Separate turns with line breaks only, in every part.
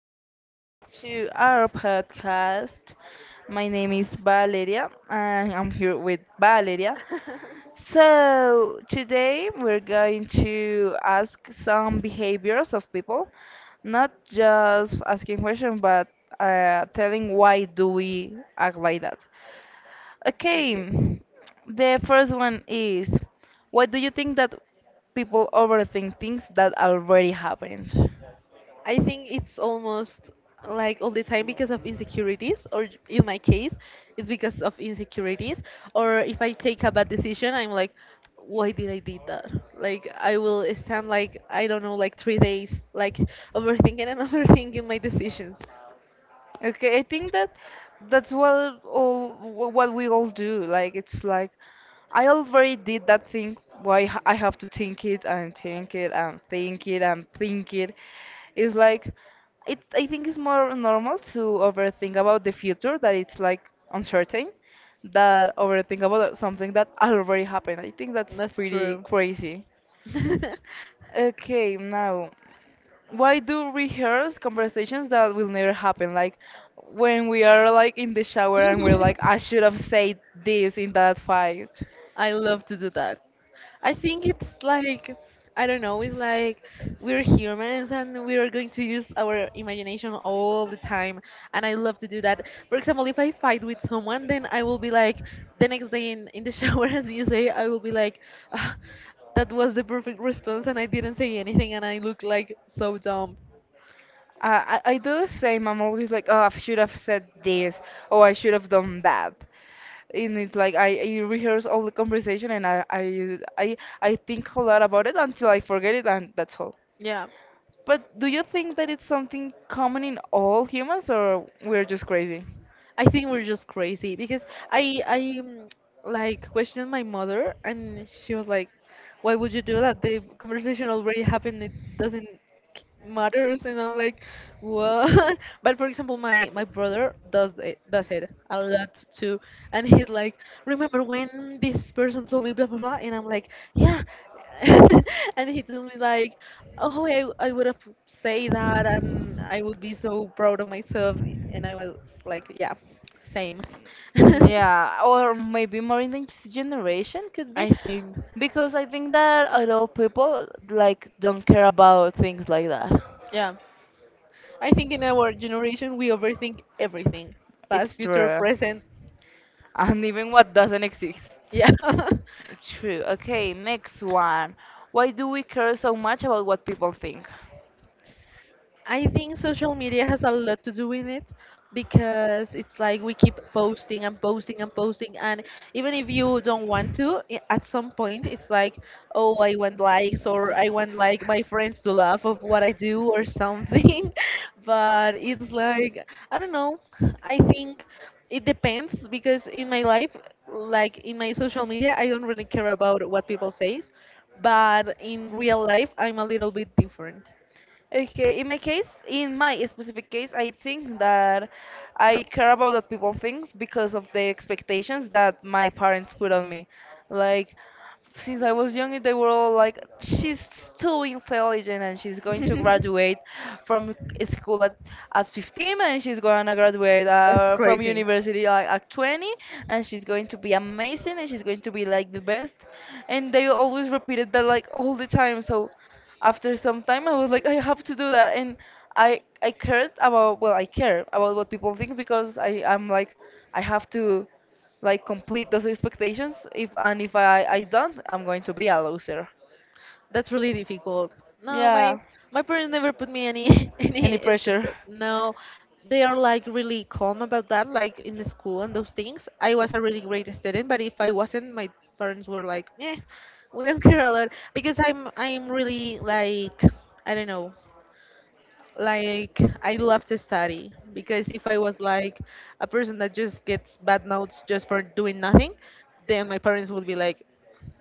welcome back to our podcast. My name is Valeria, and I'm here with Valeria. So, today we're going to ask some behaviors of people, not just asking questions, but telling why do we act like that. Okay,
Okay.
the first one is, why do you think that people overthink things that already happened?
I think it's almost like all the time because of insecurities, or in my case, it's because of insecurities. Or if I take a bad decision, I'm like, why did I did that? Like I will stand like I don't know, like 3 days, like overthinking and overthinking my decisions.
Okay, I think that that's what what we all do. Like it's like I already did that thing. Why I have to think it and think it and think it and think it. It's like it. I think it's more normal to overthink about the future that it's like uncertain, that overthink about something that already happened. I think that's
That's
pretty
true.
crazy. Okay, now why do rehearse conversations that will never happen like when we are like in the shower and we're like I should have said this in that fight.
I love to do that. I think it's like I don't know, it's like we're humans and we are going to use our imagination all the time, and I love to do that. For example, if I fight with someone, then I will be like the next day in the shower, as you say, I will be like, "Ah, that was the perfect response and I didn't say anything and I look like so dumb."
I do the same. I'm always like, oh, I should have said this or I should have done that, and it's like I rehearse all the conversation and I think a lot about it until I forget it and that's all.
Yeah.
But do you think that it's something common in all humans or we're just crazy?
I think we're just crazy because I I mm, like questioned my mother and she was like, "Why would you do that? The conversation already happened. It doesn't matters." And I'm like, "What?" But for example, my brother does it a lot too, and he's like, "Remember when this person told me blah blah blah?" And I'm like, "Yeah." And he told me like, oh I would have say that and I would be so proud of myself, and I was like, yeah, same. Yeah.
Yeah, or maybe more in the next generation could be
I think
because I think that a lot of people like don't care about things like that.
Yeah, I think in our generation we overthink everything, past,
It's
future,
true.
present.
And even what doesn't exist.
Yeah.
True. Okay, next one. Why do we care so much about what people think?
I think social media has a lot to do with it, because it's like we keep posting and posting and posting, and even if you don't want to, at some point it's like, oh, I want likes, or I want like my friends to laugh of what I do or something. But it's like, I don't know, I think it depends, because in my life, like in my social media, I don't really care about what people says, but in real life I'm a little bit different.
Okay, in my case, in my specific case, I think that I care about what people think because of the expectations that my parents put on me. Like, since I was young, they were all like, she's too intelligent and she's going to graduate from school at 15 and she's going to graduate
That's
from
crazy.
university like, at 20 and she's going to be amazing and she's going to be like the best. And they always repeated that like all the time. So, after some time I was like I have to do that, and I cared about, well, I care about what people think because I'm like I have to like complete those expectations, if and if I don't, I'm going to be a loser.
That's really difficult. No,
Yeah,
my parents never put me any
any
any
pressure.
expected. No, they are like really calm about that, like in the school and those things. I was a really great student, but if I wasn't, my parents were like, eh, we don't care a lot because I'm really like, I don't know, like I love to study, because if I was like a person that just gets bad notes just for doing nothing, then my parents would be like,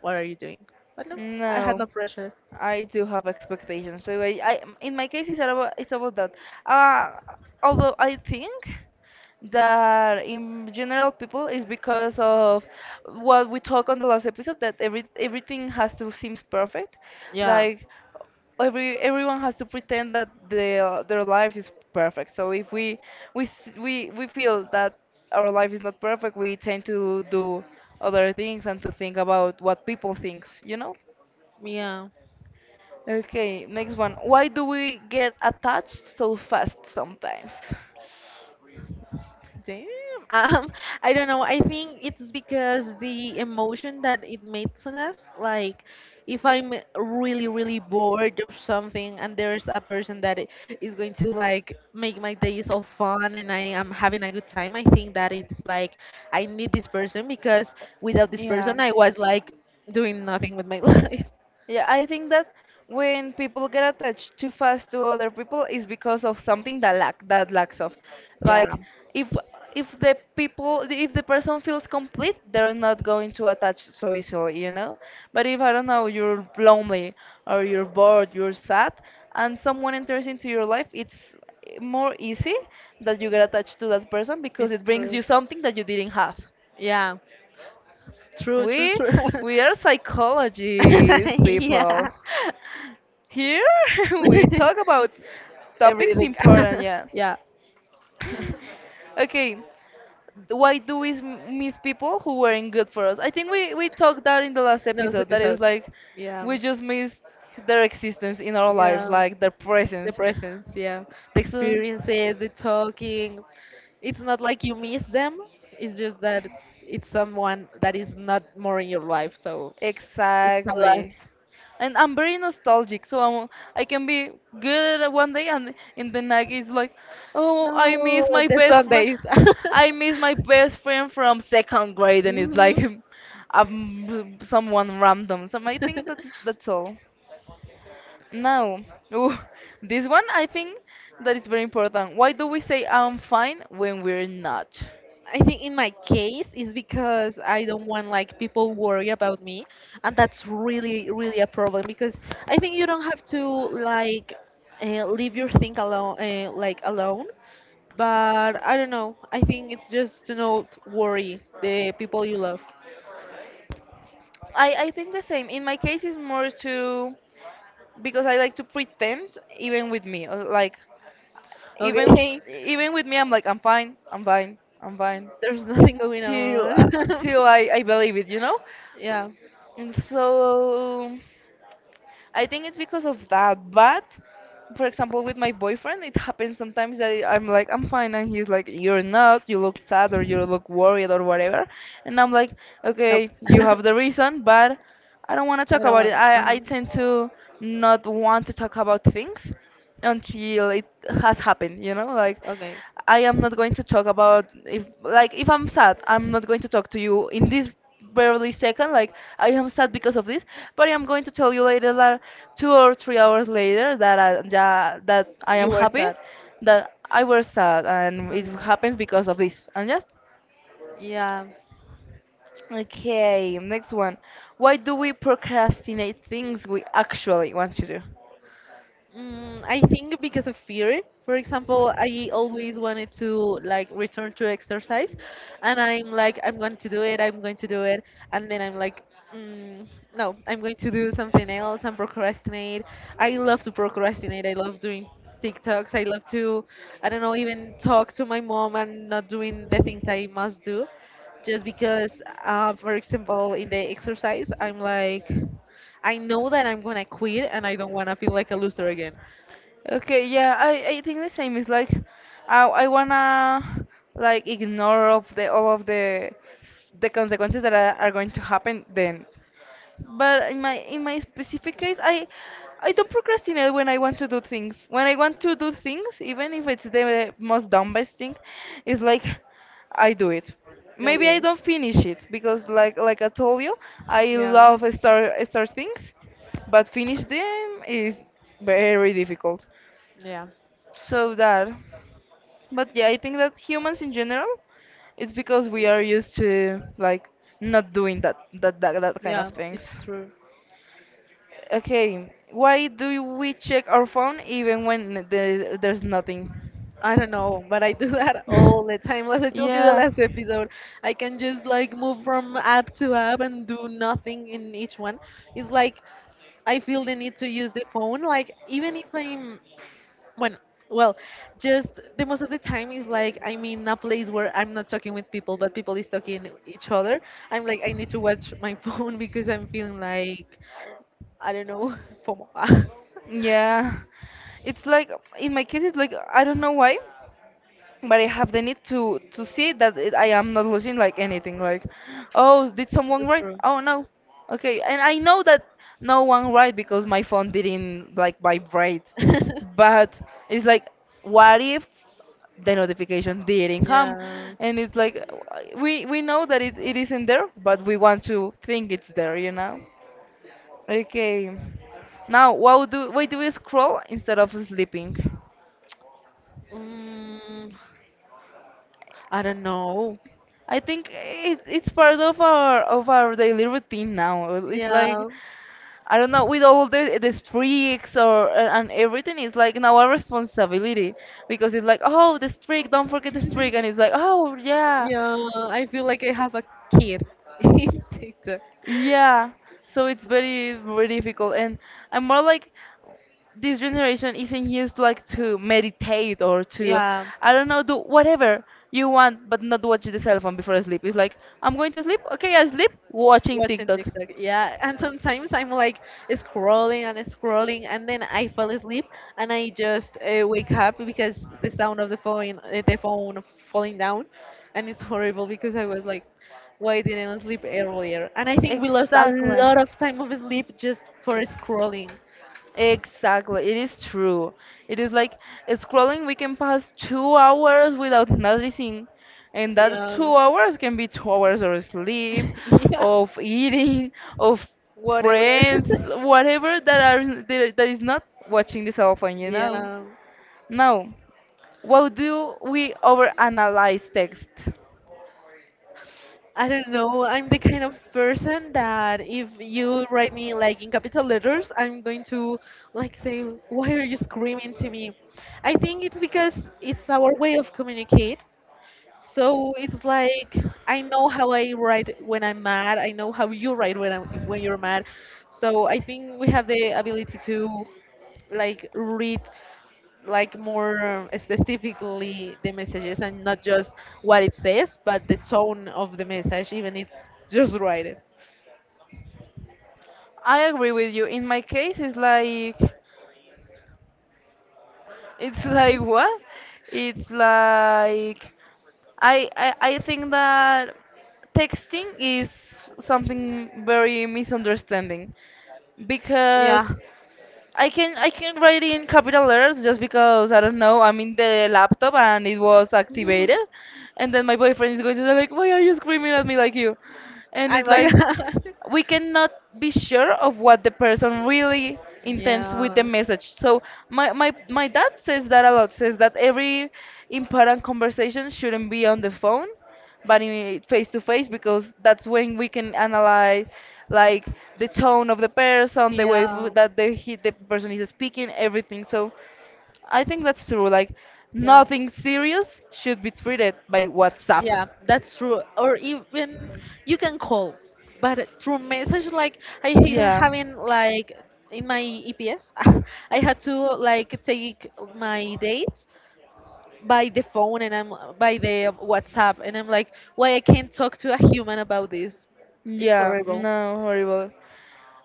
what are you doing? But no, I had
No,
no pressure.
I do have expectations. So I in my case, it's about that. Uh, Although I think that in general people is because of what we talked on the last episode, that everything has to seems perfect,
Yeah,
like everyone has to pretend that their life is perfect. So if we we s- we feel that our life is not perfect, we tend to do other things and to think about what people thinks, you know?
yeah.
Okay, next one. Why do we get attached so fast sometimes?
Damn. Um, I don't know. I think it's because the emotion that it makes on us. Like, if I'm really, really bored of something, and there's a person that is going to like make my days all fun, and I am having a good time, I think that it's like I need this person, because without this
Yeah.
person, I was like doing nothing with my life.
Yeah, I think that when people get attached too fast to other people is because of something that lack that lacks of.
Yeah.
Like if if the people if the person feels complete, they're not going to attach so easily, you know? But if, I don't know, you're lonely or you're bored, you're sad, and someone enters into your life, it's more easy that you get attached to that person because
It's
it brings
true.
you something that you didn't have.
Yeah. True, true,
We
true.
we are psychologists,
Yeah.
people. Here we talk about topics
Everything.
important, yeah.
Yeah.
Okay, why do miss people who weren't good for us? I think we talked that in the last
Those
episode. That is
episodes.
like
Yeah.
we just miss their existence in our life,
Yeah.
like their
The
presence.
presence, yeah. The
So.
experiences, the talking. It's not like you miss them. It's just that it's someone that is not more in your life, so it's a loss.
Exactly. And I'm very nostalgic, so I can be good at one day and in the next it's like, oh,
No,
I miss my
the
best friend.
Sundays.
I miss my best friend from second grade, and it's like
Mhm.
someone random. So I think that's all. Now, ooh, this one I think that is very important. Why do we say I'm fine when we're not?
I think in my case is because I don't want like people worry about me, and that's really really a problem, because I think you don't have to like leave your thing alone, like alone, but I don't know. I think it's just to not worry the people you love.
I think the same. In my case, it's more to because I like to pretend even with me. Like even
Okay.
even with me, I'm like I'm fine, I'm fine, I'm fine.
There's nothing going
Till
on.
uh, till I believe it.
Yeah.
And so I think it's because of that. But for example, with my boyfriend, it happens sometimes that I am like, I'm fine, and he's like, you're not. You look sad or you look worried or whatever. And I'm like,
Nope.
okay, you
I
have the reason, but I don't want to talk
don't
about it.
want.
I,
Uh-huh.
I tend to not want to talk about things until it has happened, you know? Like,
Okay.
I am not going to talk about if like if I'm sad, I'm not going to talk to you in this barely second. Like I am sad because of this, but I am going to tell you later, that 2 or 3 hours later, that I am
You were
happy,
sad.
that I was sad, and it
Okay.
happens because of this. And just,
Yeah.
okay, next one. Why do we procrastinate things we actually want to do?
Mm, I think because of fear. For example, I always wanted to like return to exercise, and I'm like, I'm going to do it, I'm going to do it, and then I'm like, mm, no, I'm going to do something else and procrastinate. I love to procrastinate. I love doing TikToks. I love to, I don't know, even talk to my mom and not doing the things I must do, just because, for example, in the exercise, I'm like. I know that I'm gonna quit and I don't wanna feel like a loser again.
Okay, yeah, I think the same is like I wanna like ignore of the all of the s- the consequences that are going to happen then. But in my specific case, I don't procrastinate when I want to do things. When I want to do things, even if it's the most dumbest thing, it's like I do it. Maybe I
Okay.
don't finish it because like I told you, I
Yeah.
love start things, but finish them is very difficult.
Yeah.
So that, but yeah, I think that humans in general, it's because we are used to like not doing that that kind of
Yeah,
things.
it's true.
Okay, why do we check our phone even when there's nothing?
I don't know, but I do that all the time. As I told you the
Yeah.
last episode, I can just like move from app to app and do nothing in each one. It's like I feel the need to use the phone. Like even if I'm When, well, just the most of the time is like I'm in a place where I'm not talking with people, but people is talking each other. I'm like I need to watch my phone because I'm feeling like I don't know FOMO.
Yeah. It's like in my case it's like I don't know why, but I have the need to see I am not losing like anything. Like, oh, did someone write?
True.
Oh no, okay. And I know that no one write because my phone didn't like vibrate. But it's like, what if the notification didn't come?
Yeah.
And it's like we know that it isn't there, but we want to think it's there, you know? Okay. Now, why do we scroll instead of sleeping?
Mm, I don't know.
I think it's part of our daily routine now. It's like
Yeah.
I don't know with all the streaks or and everything. It's like now our responsibility because it's like, oh, the streak, don't forget the streak, and it's like, oh yeah,
Yeah, I feel like I have a kid in TikTok.
yeah. So it's very very difficult, and I'm more like this generation isn't used like to meditate or to,
Yeah,
I don't know, do whatever you want, but not watch the cell phone before sleep. It's like I'm going to sleep, okay, I sleep watching
watching
TikTok.
TikTok. Yeah, and sometimes I'm like scrolling and scrolling, and then I fall asleep and I just wake up because the sound of the phone falling down, and it's horrible because I was like, why didn't I sleep earlier? And I think we lost a
Exactly.
lot of time of sleep just for scrolling.
Exactly. It is true. It is like scrolling, we can pass 2 hours without noticing. And that
Yeah.
2 hours can be 2 hours of sleep,
Yeah.
of eating, of
Whatever.
friends, whatever that are that is not watching the cell phone.
Yeah.
Now, what do we overanalyze text?
I don't know. I'm the kind of person that if you write me like in capital letters, I'm going to like say, "Why are you screaming to me?" I think it's because it's our way of communicate. So it's like I know how I write when I'm mad. I know how you write when you're mad. So I think we have the ability to like read like more specifically the messages and not just what it says, but the tone of the message, even it's just write it.
I agree with you. In my case, it's like, what? It's like I think that texting is something very misunderstanding
Yeah,
because I can write in capital letters just because I don't know I'm in the laptop and it was activated, and then my boyfriend is going to say like, why are you screaming at me like you, and
I'm
it's
like
like
that.
we cannot be sure of what the person really intends with
yeah,
the message. So my dad says that a lot, says that every important conversation shouldn't be on the phone, but in face to face because that's when we can analyze like the tone of the person, the way that the person is speaking, everything. So I think that's true. Like
yeah,
nothing serious should be
yeah.
treated by WhatsApp.
Yeah, that's true. Or even you can call, but through message, like I hate
Yeah.
having like in my EPS, I had to like take my dates by the phone, and I'm by the WhatsApp, and I'm like, why I can't talk to a human about this? It's
Yeah,
horrible.
no, horrible.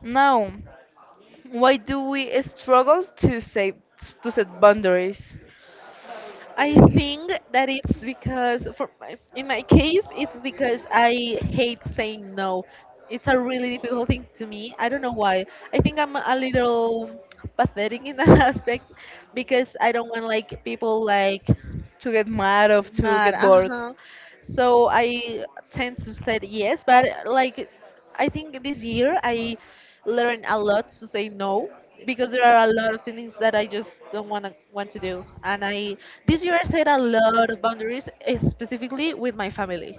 Now, why do we struggle to set boundaries,
I think that it's because, in my case, it's because I hate saying no. It's a really difficult thing to me. I don't know why. I think I'm a little pathetic in that aspect because I don't want like people like
to get mad of, to
Mad,
get bored?
uh-huh. So I tend to say yes, but like I think this year I learned a lot to say no, because there are a lot of things that I just don't want to do. And I this year I set a lot of boundaries, eh, specifically with my family.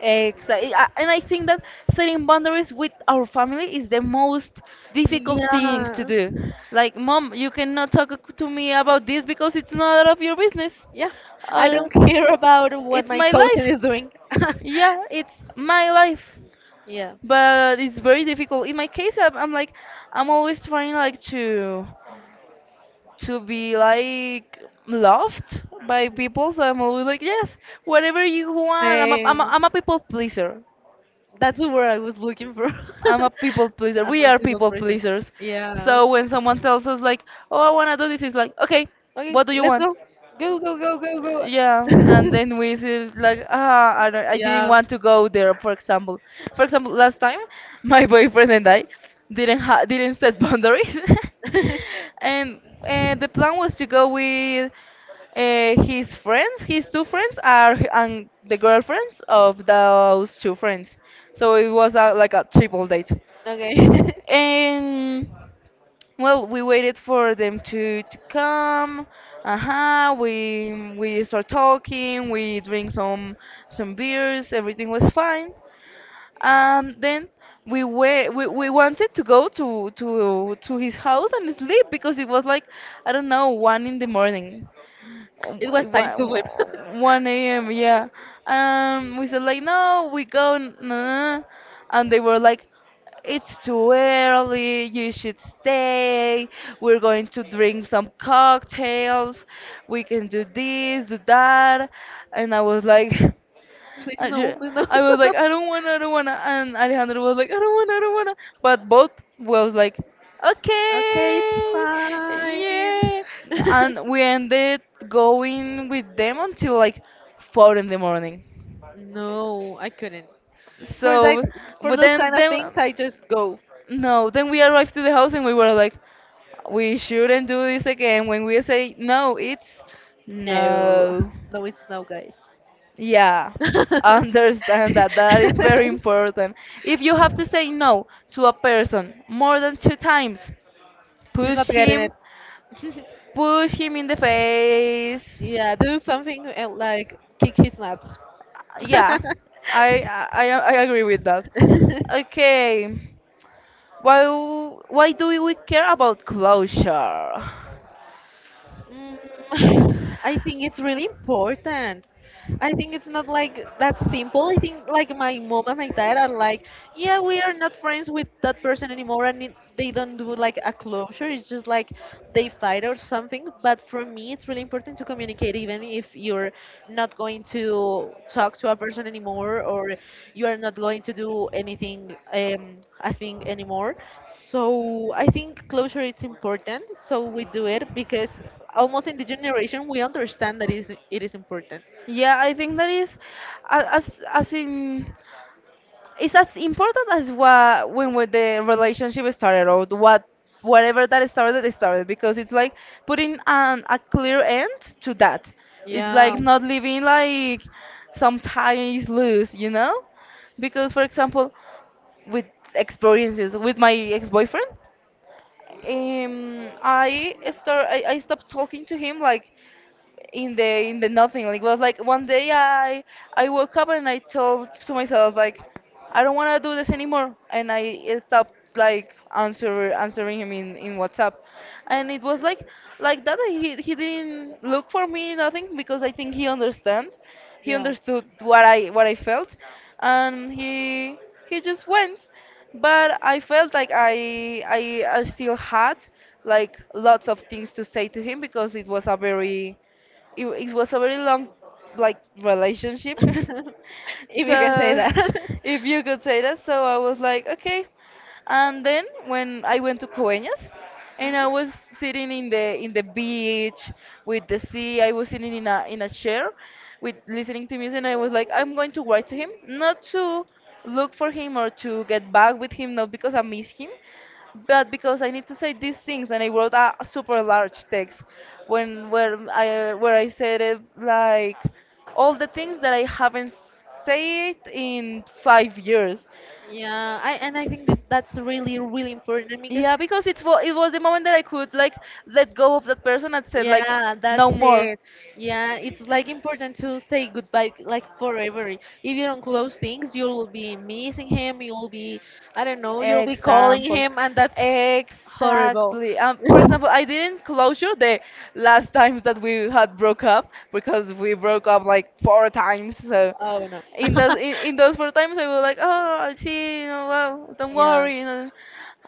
Exactly, and I think that setting boundaries with our family is the most difficult thing to
Yeah.
do. Like, mom, you cannot talk to me about this because it's not out of your business.
Yeah. I
Uh,
don't care about what
it's
my
my
coaching
life.
is doing.
Yeah, it's my life.
Yeah.
But it's very difficult. In my case, I'm always trying like to be like loved by people, so I'm always like yes, whatever you want. I'm a, I'm a,
Same.
I'm a people pleaser.
That's the word I was looking for.
I'm a people pleaser.
I'm
We
a
are
people
people
process.
pleasers.
Yeah.
So when someone tells us like, oh, I wanna do this, it's like, okay,
Okay,
what do you
let's
want?
go. Go, go, go, go,
Yeah,
go.
and then we is like, ah, I, don't, I didn't
Yeah.
want to go there. For example, last time my boyfriend and I didn't set boundaries, and the plan was to go with his friends. His two friends and the girlfriends of those two friends, so it was like a triple date.
Okay.
And well, we waited for to come. Uh-huh. We start talking. We drink some beers. Everything was fine. Then we wanted to go to his house and sleep because it was like I don't know one in the morning,
It was time to
one
sleep.
one a.m. Yeah. We said like no, we go. Nah. And they were like, it's too early, you should stay. We're going to drink some cocktails. We can do this, do that. And I was like,
Please
I,
no,
ju-
please no.
I was like, I don't wanna. And Alejandro was like, I don't wanna. But both was like,
Okay, it's
okay, yeah.
fine.
And we ended going with them until like 4 in the morning.
No, I couldn't. For that,
So,
for
but
those
then
kind of
then
things, I just go.
no, then we arrived to the house and we were like, we shouldn't do this again. When we say no, it's
No,
no.
no, it's no, guys.
Yeah, understand that. That is very important. If you have to say no to a person more than 2 times,
He's not
push
getting it.
him, push him in the face.
Yeah, do something, like kick his nuts.
Yeah, I agree with that. Okay, why why do we care about closure?
Mm, I think it's really important. I think it's not like that simple. I think like my mom and my dad are like, yeah, we are not friends with that person anymore, and it, they don't do like a closure. It's just like they fight or something. But for me, it's really important to communicate, even if you're not going to talk to a person anymore or you are not going to do anything, I think anymore. So I think closure is important. So we do it because almost in the generation we understand that is it is important.
Yeah, I think that is as in it's as important as what when with the relationship started or what whatever that started it started because it's like putting a clear end to that. It's
Yeah,
like not leaving like some ties loose, you know? Because for example, with experiences with my ex-boyfriend, I stopped talking to him like in the nothing. Like, it was like one day I woke up and I told to myself like I don't want to do this anymore, and I stopped like answering him in WhatsApp, and it was like that he didn't look for me nothing because I think he
yeah,
understood what I felt, and he just went, but I
Yeah.
felt like I still had like lots of things to say to him because it was a very it was a very long like relationship,
If you can say
so
that.
if you could say that. So I was like okay, and then when I went to Coeñas and I was sitting in the beach with the sea, I was sitting in a chair, with listening to music, and I was like I'm going to write to him, not to look for him or to get back with him, not because I miss him, but because I need to say these things. And I wrote a super large text when where I said it
Mhm.
like all the things that I
like
haven't said in
like
5 years.
Yeah, I and I think that that's really really important because
Yeah, because it was the moment that I could like let go of that person and said like
yeah, no,
no
that's
more.
it. Yeah, it's like important to say goodbye like forever. If you don't close things, you'll be missing him. You'll be, I don't know, you'll be calling
Example.
him, and that's horrible.
Exactly. For example, I didn't closure the last times that we had broke up because we broke up like 4 times. So
Oh no.
in those 4 times, I was like, oh, see, you know, well, don't
Yeah.
worry, you know.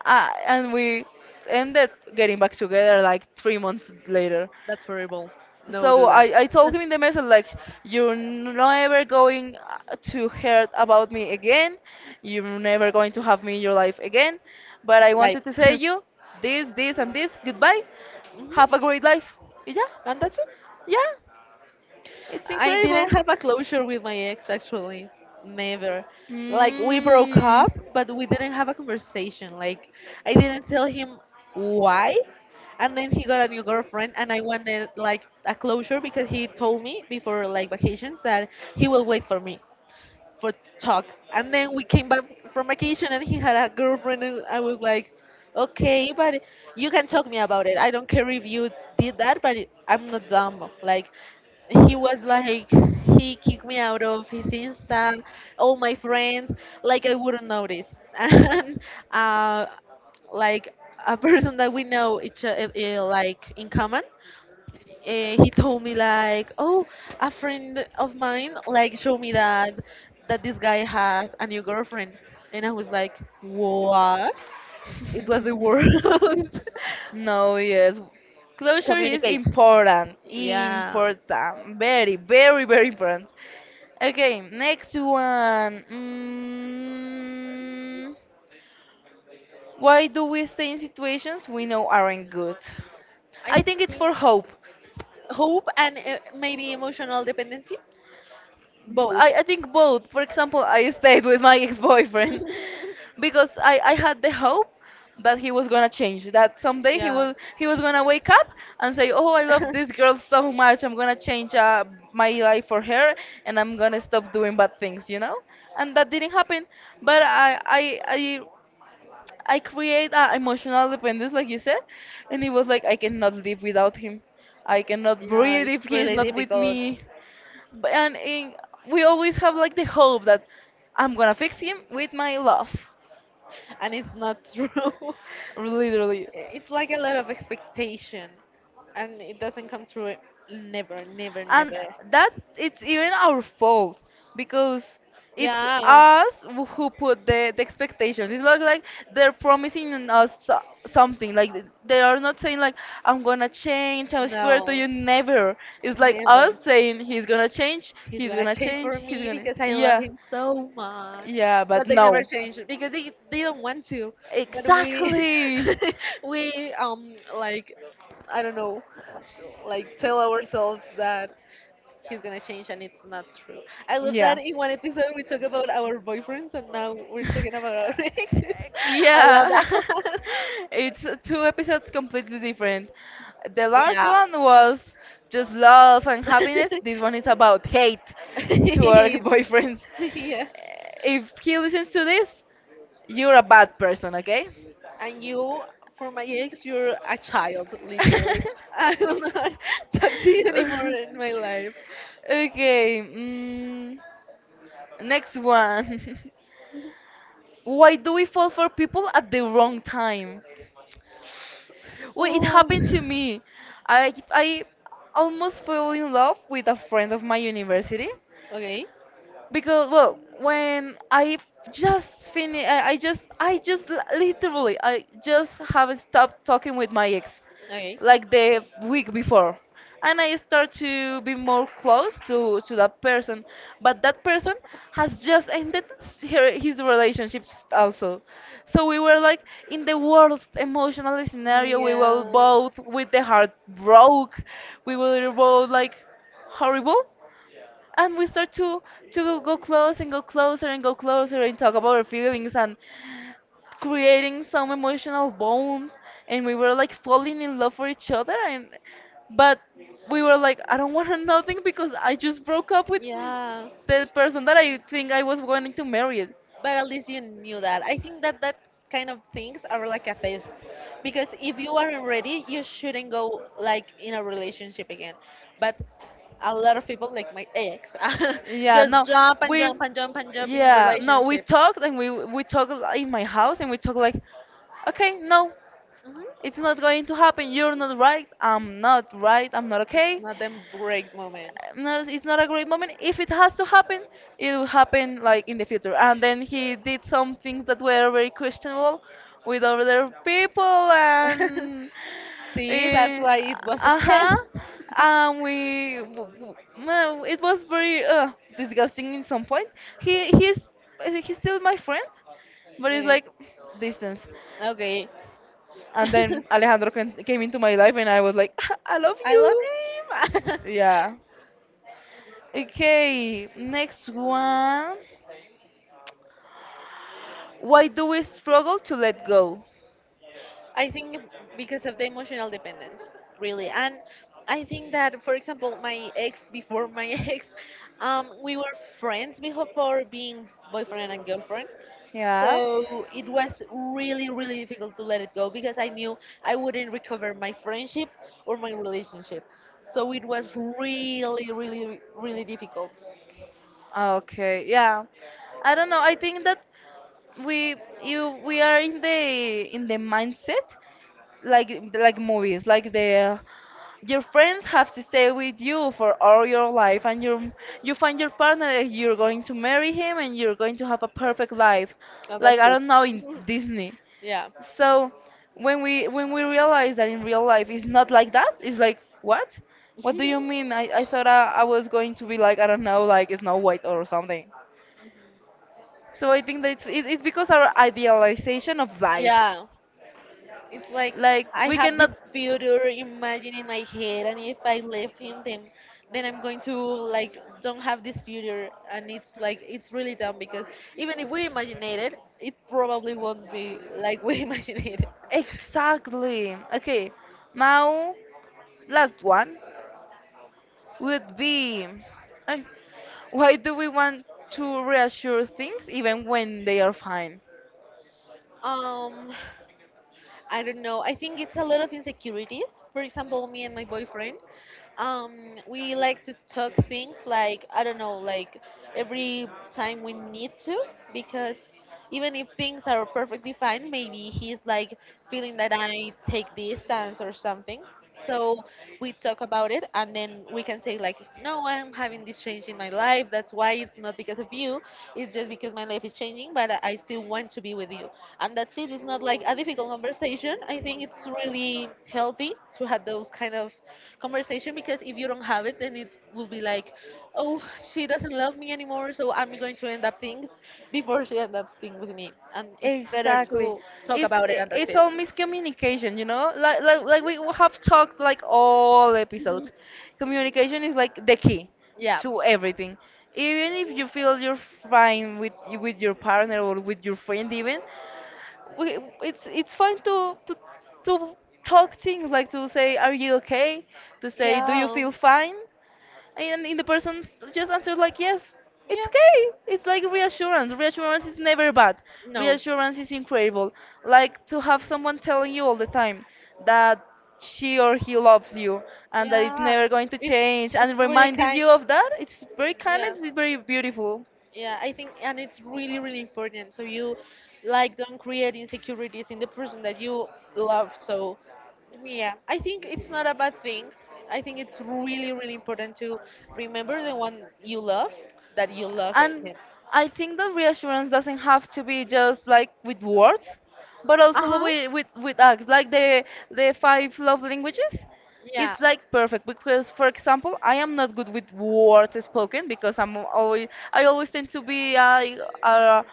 And we ended getting back together like 3 months later.
That's horrible. No, do
So
that.
I told him in the message like you're never going to hear about me again. You're never going to have me in your life again. But I
Bye.
wanted to say you this, this and this. Goodbye. Have a great life. Yeah,
And that's it.
yeah. It's
I didn't
incredible.
have a closure with my ex actually. Never. Like we broke
Mm.
up, but we didn't have a conversation. Like I didn't tell him why. And then he got a new girlfriend and I wanted like a closure, because he told me before like vacations that he will wait for me. For talk. And then we came back from vacation and he had a girlfriend and I was like, okay, but you can talk me about it. I don't care if you did that, but I'm not dumb. Like he was like he kicked me out of his Insta, all my friends, like I wouldn't notice. And uh, like a person that we know each like in common he told me like, oh, a friend of mine like showed me that this guy has a new girlfriend, and I was like, what? It was the worst.
No, yes. Closure is
Communicate.
important.
Yeah,
Important. Very, very, very important. Okay, next one. Mm, why do we stay in situations we know aren't good?
I
I think it's
think
for hope.
hope and maybe emotional dependency, both.
I think both. For example, I stayed with my ex-boyfriend because I had the hope that he was gonna change, that someday
Yeah.
he was gonna wake up and say, "Oh, I love this girl so much. I'm gonna change my life for her, and I'm gonna stop doing bad things," you know? And that didn't happen. But I create a emotional dependence, like you said, and it was like I cannot live without him. I cannot
Yeah,
breathe if
it's
he is
really
not with
difficult,
me. B- and in, we always have like the hope that I'm gonna fix him with my love,
and it's not true.
literally,
It's like a lot of expectation, and it doesn't come true. Never, never, never.
and that it's even our fault because it's
Yeah.
us who put the expectations. It's not like they're promising us something. Like they are not saying like I'm gonna change. I swear to
No,
you, never. It's like us
never.
saying he's gonna change.
He's
He's
gonna
gonna
change
change.
for
He's
me
gonna
because I love
Yeah,
him so much.
yeah. But
But they never
no,
change because they don't want to. But we
exactly.
we like, I don't know, like tell ourselves that he's gonna change, and it's not true. I love that
Yeah.
in one episode we talk about our boyfriends and now we're talking about our exes. I love
yeah.
that.
It's two episodes completely different. The last
Yeah.
one was just love and happiness. This one is about hate toward boyfriends.
Yeah.
If he listens to this, you're a bad person, okay?
And you, for my ex, you're a child, literally. I will not talk to you anymore in my life.
Okay. Mm. Next one. Why do we fall for people at the wrong time? Well, it
Oh.
happened to me. I almost fell in love with a friend of my university.
Okay.
Because well, when I just finished, literally I just have stopped talking with my ex
Okay.
like the week before, and I start to be more close to that person, but that person has just ended his relationships also. So we were like in the worst emotional scenario, we were both
Yeah.
with the heart broke, we were both like horrible, and we start to go close and go closer and go closer and talk about our feelings and creating some emotional bond, and we were like falling in love for each other. And but we were like, I don't want nothing because I just broke up with
Yeah,
the person that I think I was going to marry.
but at least you knew that. I think that kind of things are like a test, because if you aren't ready, you shouldn't go like in a relationship again. But a lot of people, like my ex,
yeah
just
no
jump and
we
jump and jump and jump in
yeah, no, we
relationship.
talked, and we talked in my house, and we talked like okay, no, it's not
Mhm.
going to happen, you're not right, I'm not right, I'm not
It's
okay.
not them break moment.
No, it's not a great moment. If it has to happen, it will happen like in the future. And then he did some things that were very questionable with other people, and
See, that's why it was a
uh huh,
test.
and no, it was very disgusting in some point. He he's he's still my friend, but it's
Okay.
like distance.
Okay.
And then Alejandro came into my life, and I was like, I love
I love
you.
him.
Yeah. Okay, next one. Why do we struggle to let go?
I think because of the emotional dependence, really. And I think that, for example, my ex, before my ex, we were friends before being boyfriend and girlfriend.
Yeah.
So it was really, really difficult to let it go because I knew I wouldn't recover my friendship or my relationship. So it was really, really, really difficult.
Okay. Yeah. I don't know. I think that we we are in the mindset like movies, like the your friends have to stay with you for all your life, and you find your partner, you're going to marry him, and you're going to have a perfect life like I don't know, in Disney.
Yeah.
So when we realize that in real life it's not like that, it's like what? What do you mean? I thought I was going to be like I don't know, like it's not White or something. So I think that it's because our idealization of life,
Yeah. It's like
like
I
we
have
cannot
this future imagine in my head, and if I leave him, then I'm going to like don't have this future, and it's like it's really dumb because even if we imagine it, it probably won't be like we imagine it.
exactly. Okay, now last one would be, eh, why do we want to reassure things even when they are fine?
Um, I don't know. I think it's a lot of insecurities. For example, me and my boyfriend, um, we like to talk things like, I don't know, like every time we need to, because even if things are perfectly fine, maybe he's like feeling that I take distance or something. So we talk about it, and then we can say like, no, I'm having this change in my life. That's why it's not because of you. It's just because my life is changing, but I still want to be with you. And that's it. It's not like a difficult conversation. I think it's really healthy to have those kind of conversation, because if you don't have it, then it will be like, oh, she doesn't love me anymore, so I'm going to end up things before she ends up things with me. And it's better
Exactly.
to talk
It's
about it,
i-
and that's
it's
it.
all miscommunication, you know? Like we have talked like all episodes. Communication is like the key
Yeah.
to everything. Even if you feel you're fine with your partner or with your friend even, we, it's fine to, to talk things like to say, are you okay? To say, do you
Yeah.
feel fine? And the person just answers like yes, it's
Yeah.
okay. It's like reassurance. Reassurance is never bad,
No.
reassurance is incredible, like to have someone telling you all the time that she or he loves you, and that it's
Yeah.
never going to
It's
change and
really
reminded
kind.
you of that. It's very kind
Yeah.
and it's very beautiful.
Yeah, I think, and it's really, really important. So you, like, don't create insecurities in the person that you love. So, yeah, I think it's not a bad thing. I think it's really, really important to remember the one you love that you love it,
And
him.
I think that reassurance doesn't have to be just like with words, but
Uh
also
huh.
with acts, like the five love languages.
Yeah.
It's like perfect because, for example, I am not good with words spoken because I always tend to be uh,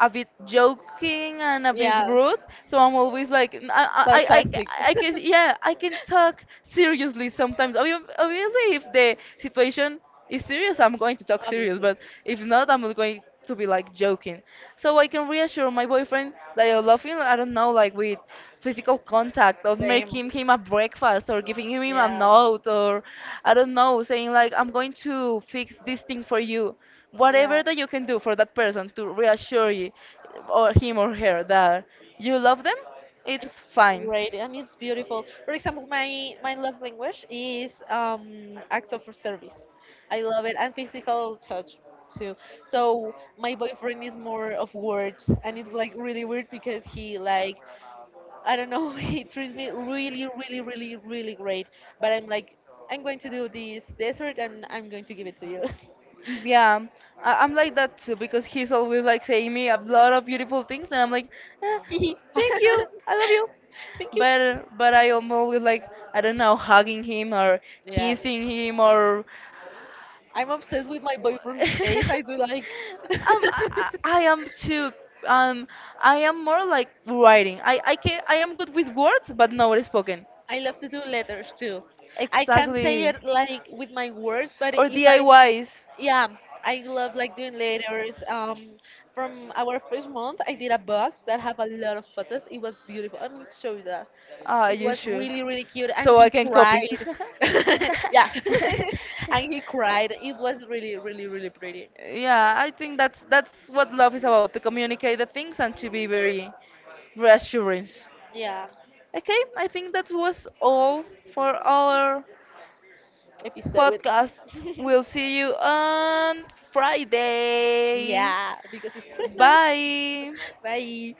a bit joking and a bit
Yeah.
rude. So I'm always like, I
Sarcastic.
I can, yeah, I can talk seriously sometimes. Obviously, if the situation it's serious, I'm going to talk serious,
Obviously.
but if not, I'm going to be like joking. So I can reassure my boyfriend that I love him, I don't know, like with physical contact or
Same.
making him a breakfast or giving him a
Yeah.
note, or I don't know, saying like, I'm going to fix this thing for you.
Yeah.
Whatever that you can do for that person to reassure you or him or her that you love them, it's
It's
fine.
great and it's beautiful. For example, my love language is acts of service. I love it, and physical touch too. So my boyfriend is more of words, and it's like really weird because he like I don't know he treats me really really really really great. But I'm like I'm going to do this dessert and I'm going to give it to you.
Yeah, I'm like that too because he's always like saying me a lot of beautiful things, and I'm like, "Eh, thank you, I love you."
Thank you.
But I am always like I don't know, hugging him or
Yeah,
kissing him or
I'm obsessed with my boyfriend's face. I do like.
um, I am too, um, I am more like writing. I am good with words but not spoken.
I love to do letters too. I can't say
Exactly.
it like with my words, but
Or
if I,
DIYs.
yeah, I love like doing letters. From our first month, I did a box that have a lot of photos. It was beautiful. I'm gonna show you that.
Ah,
It
you
was
should.
really really cute, and
So I
he
can copy.
cried. Yeah, and he cried. It was really really really pretty.
Yeah, I think that's what love is about, to communicate the things and to be very reassuring.
Yeah,
Okay, I think that was all for our
episode.
podcast. We'll see you on Friday.
Yeah, because it's Christmas.
Bye.
Bye.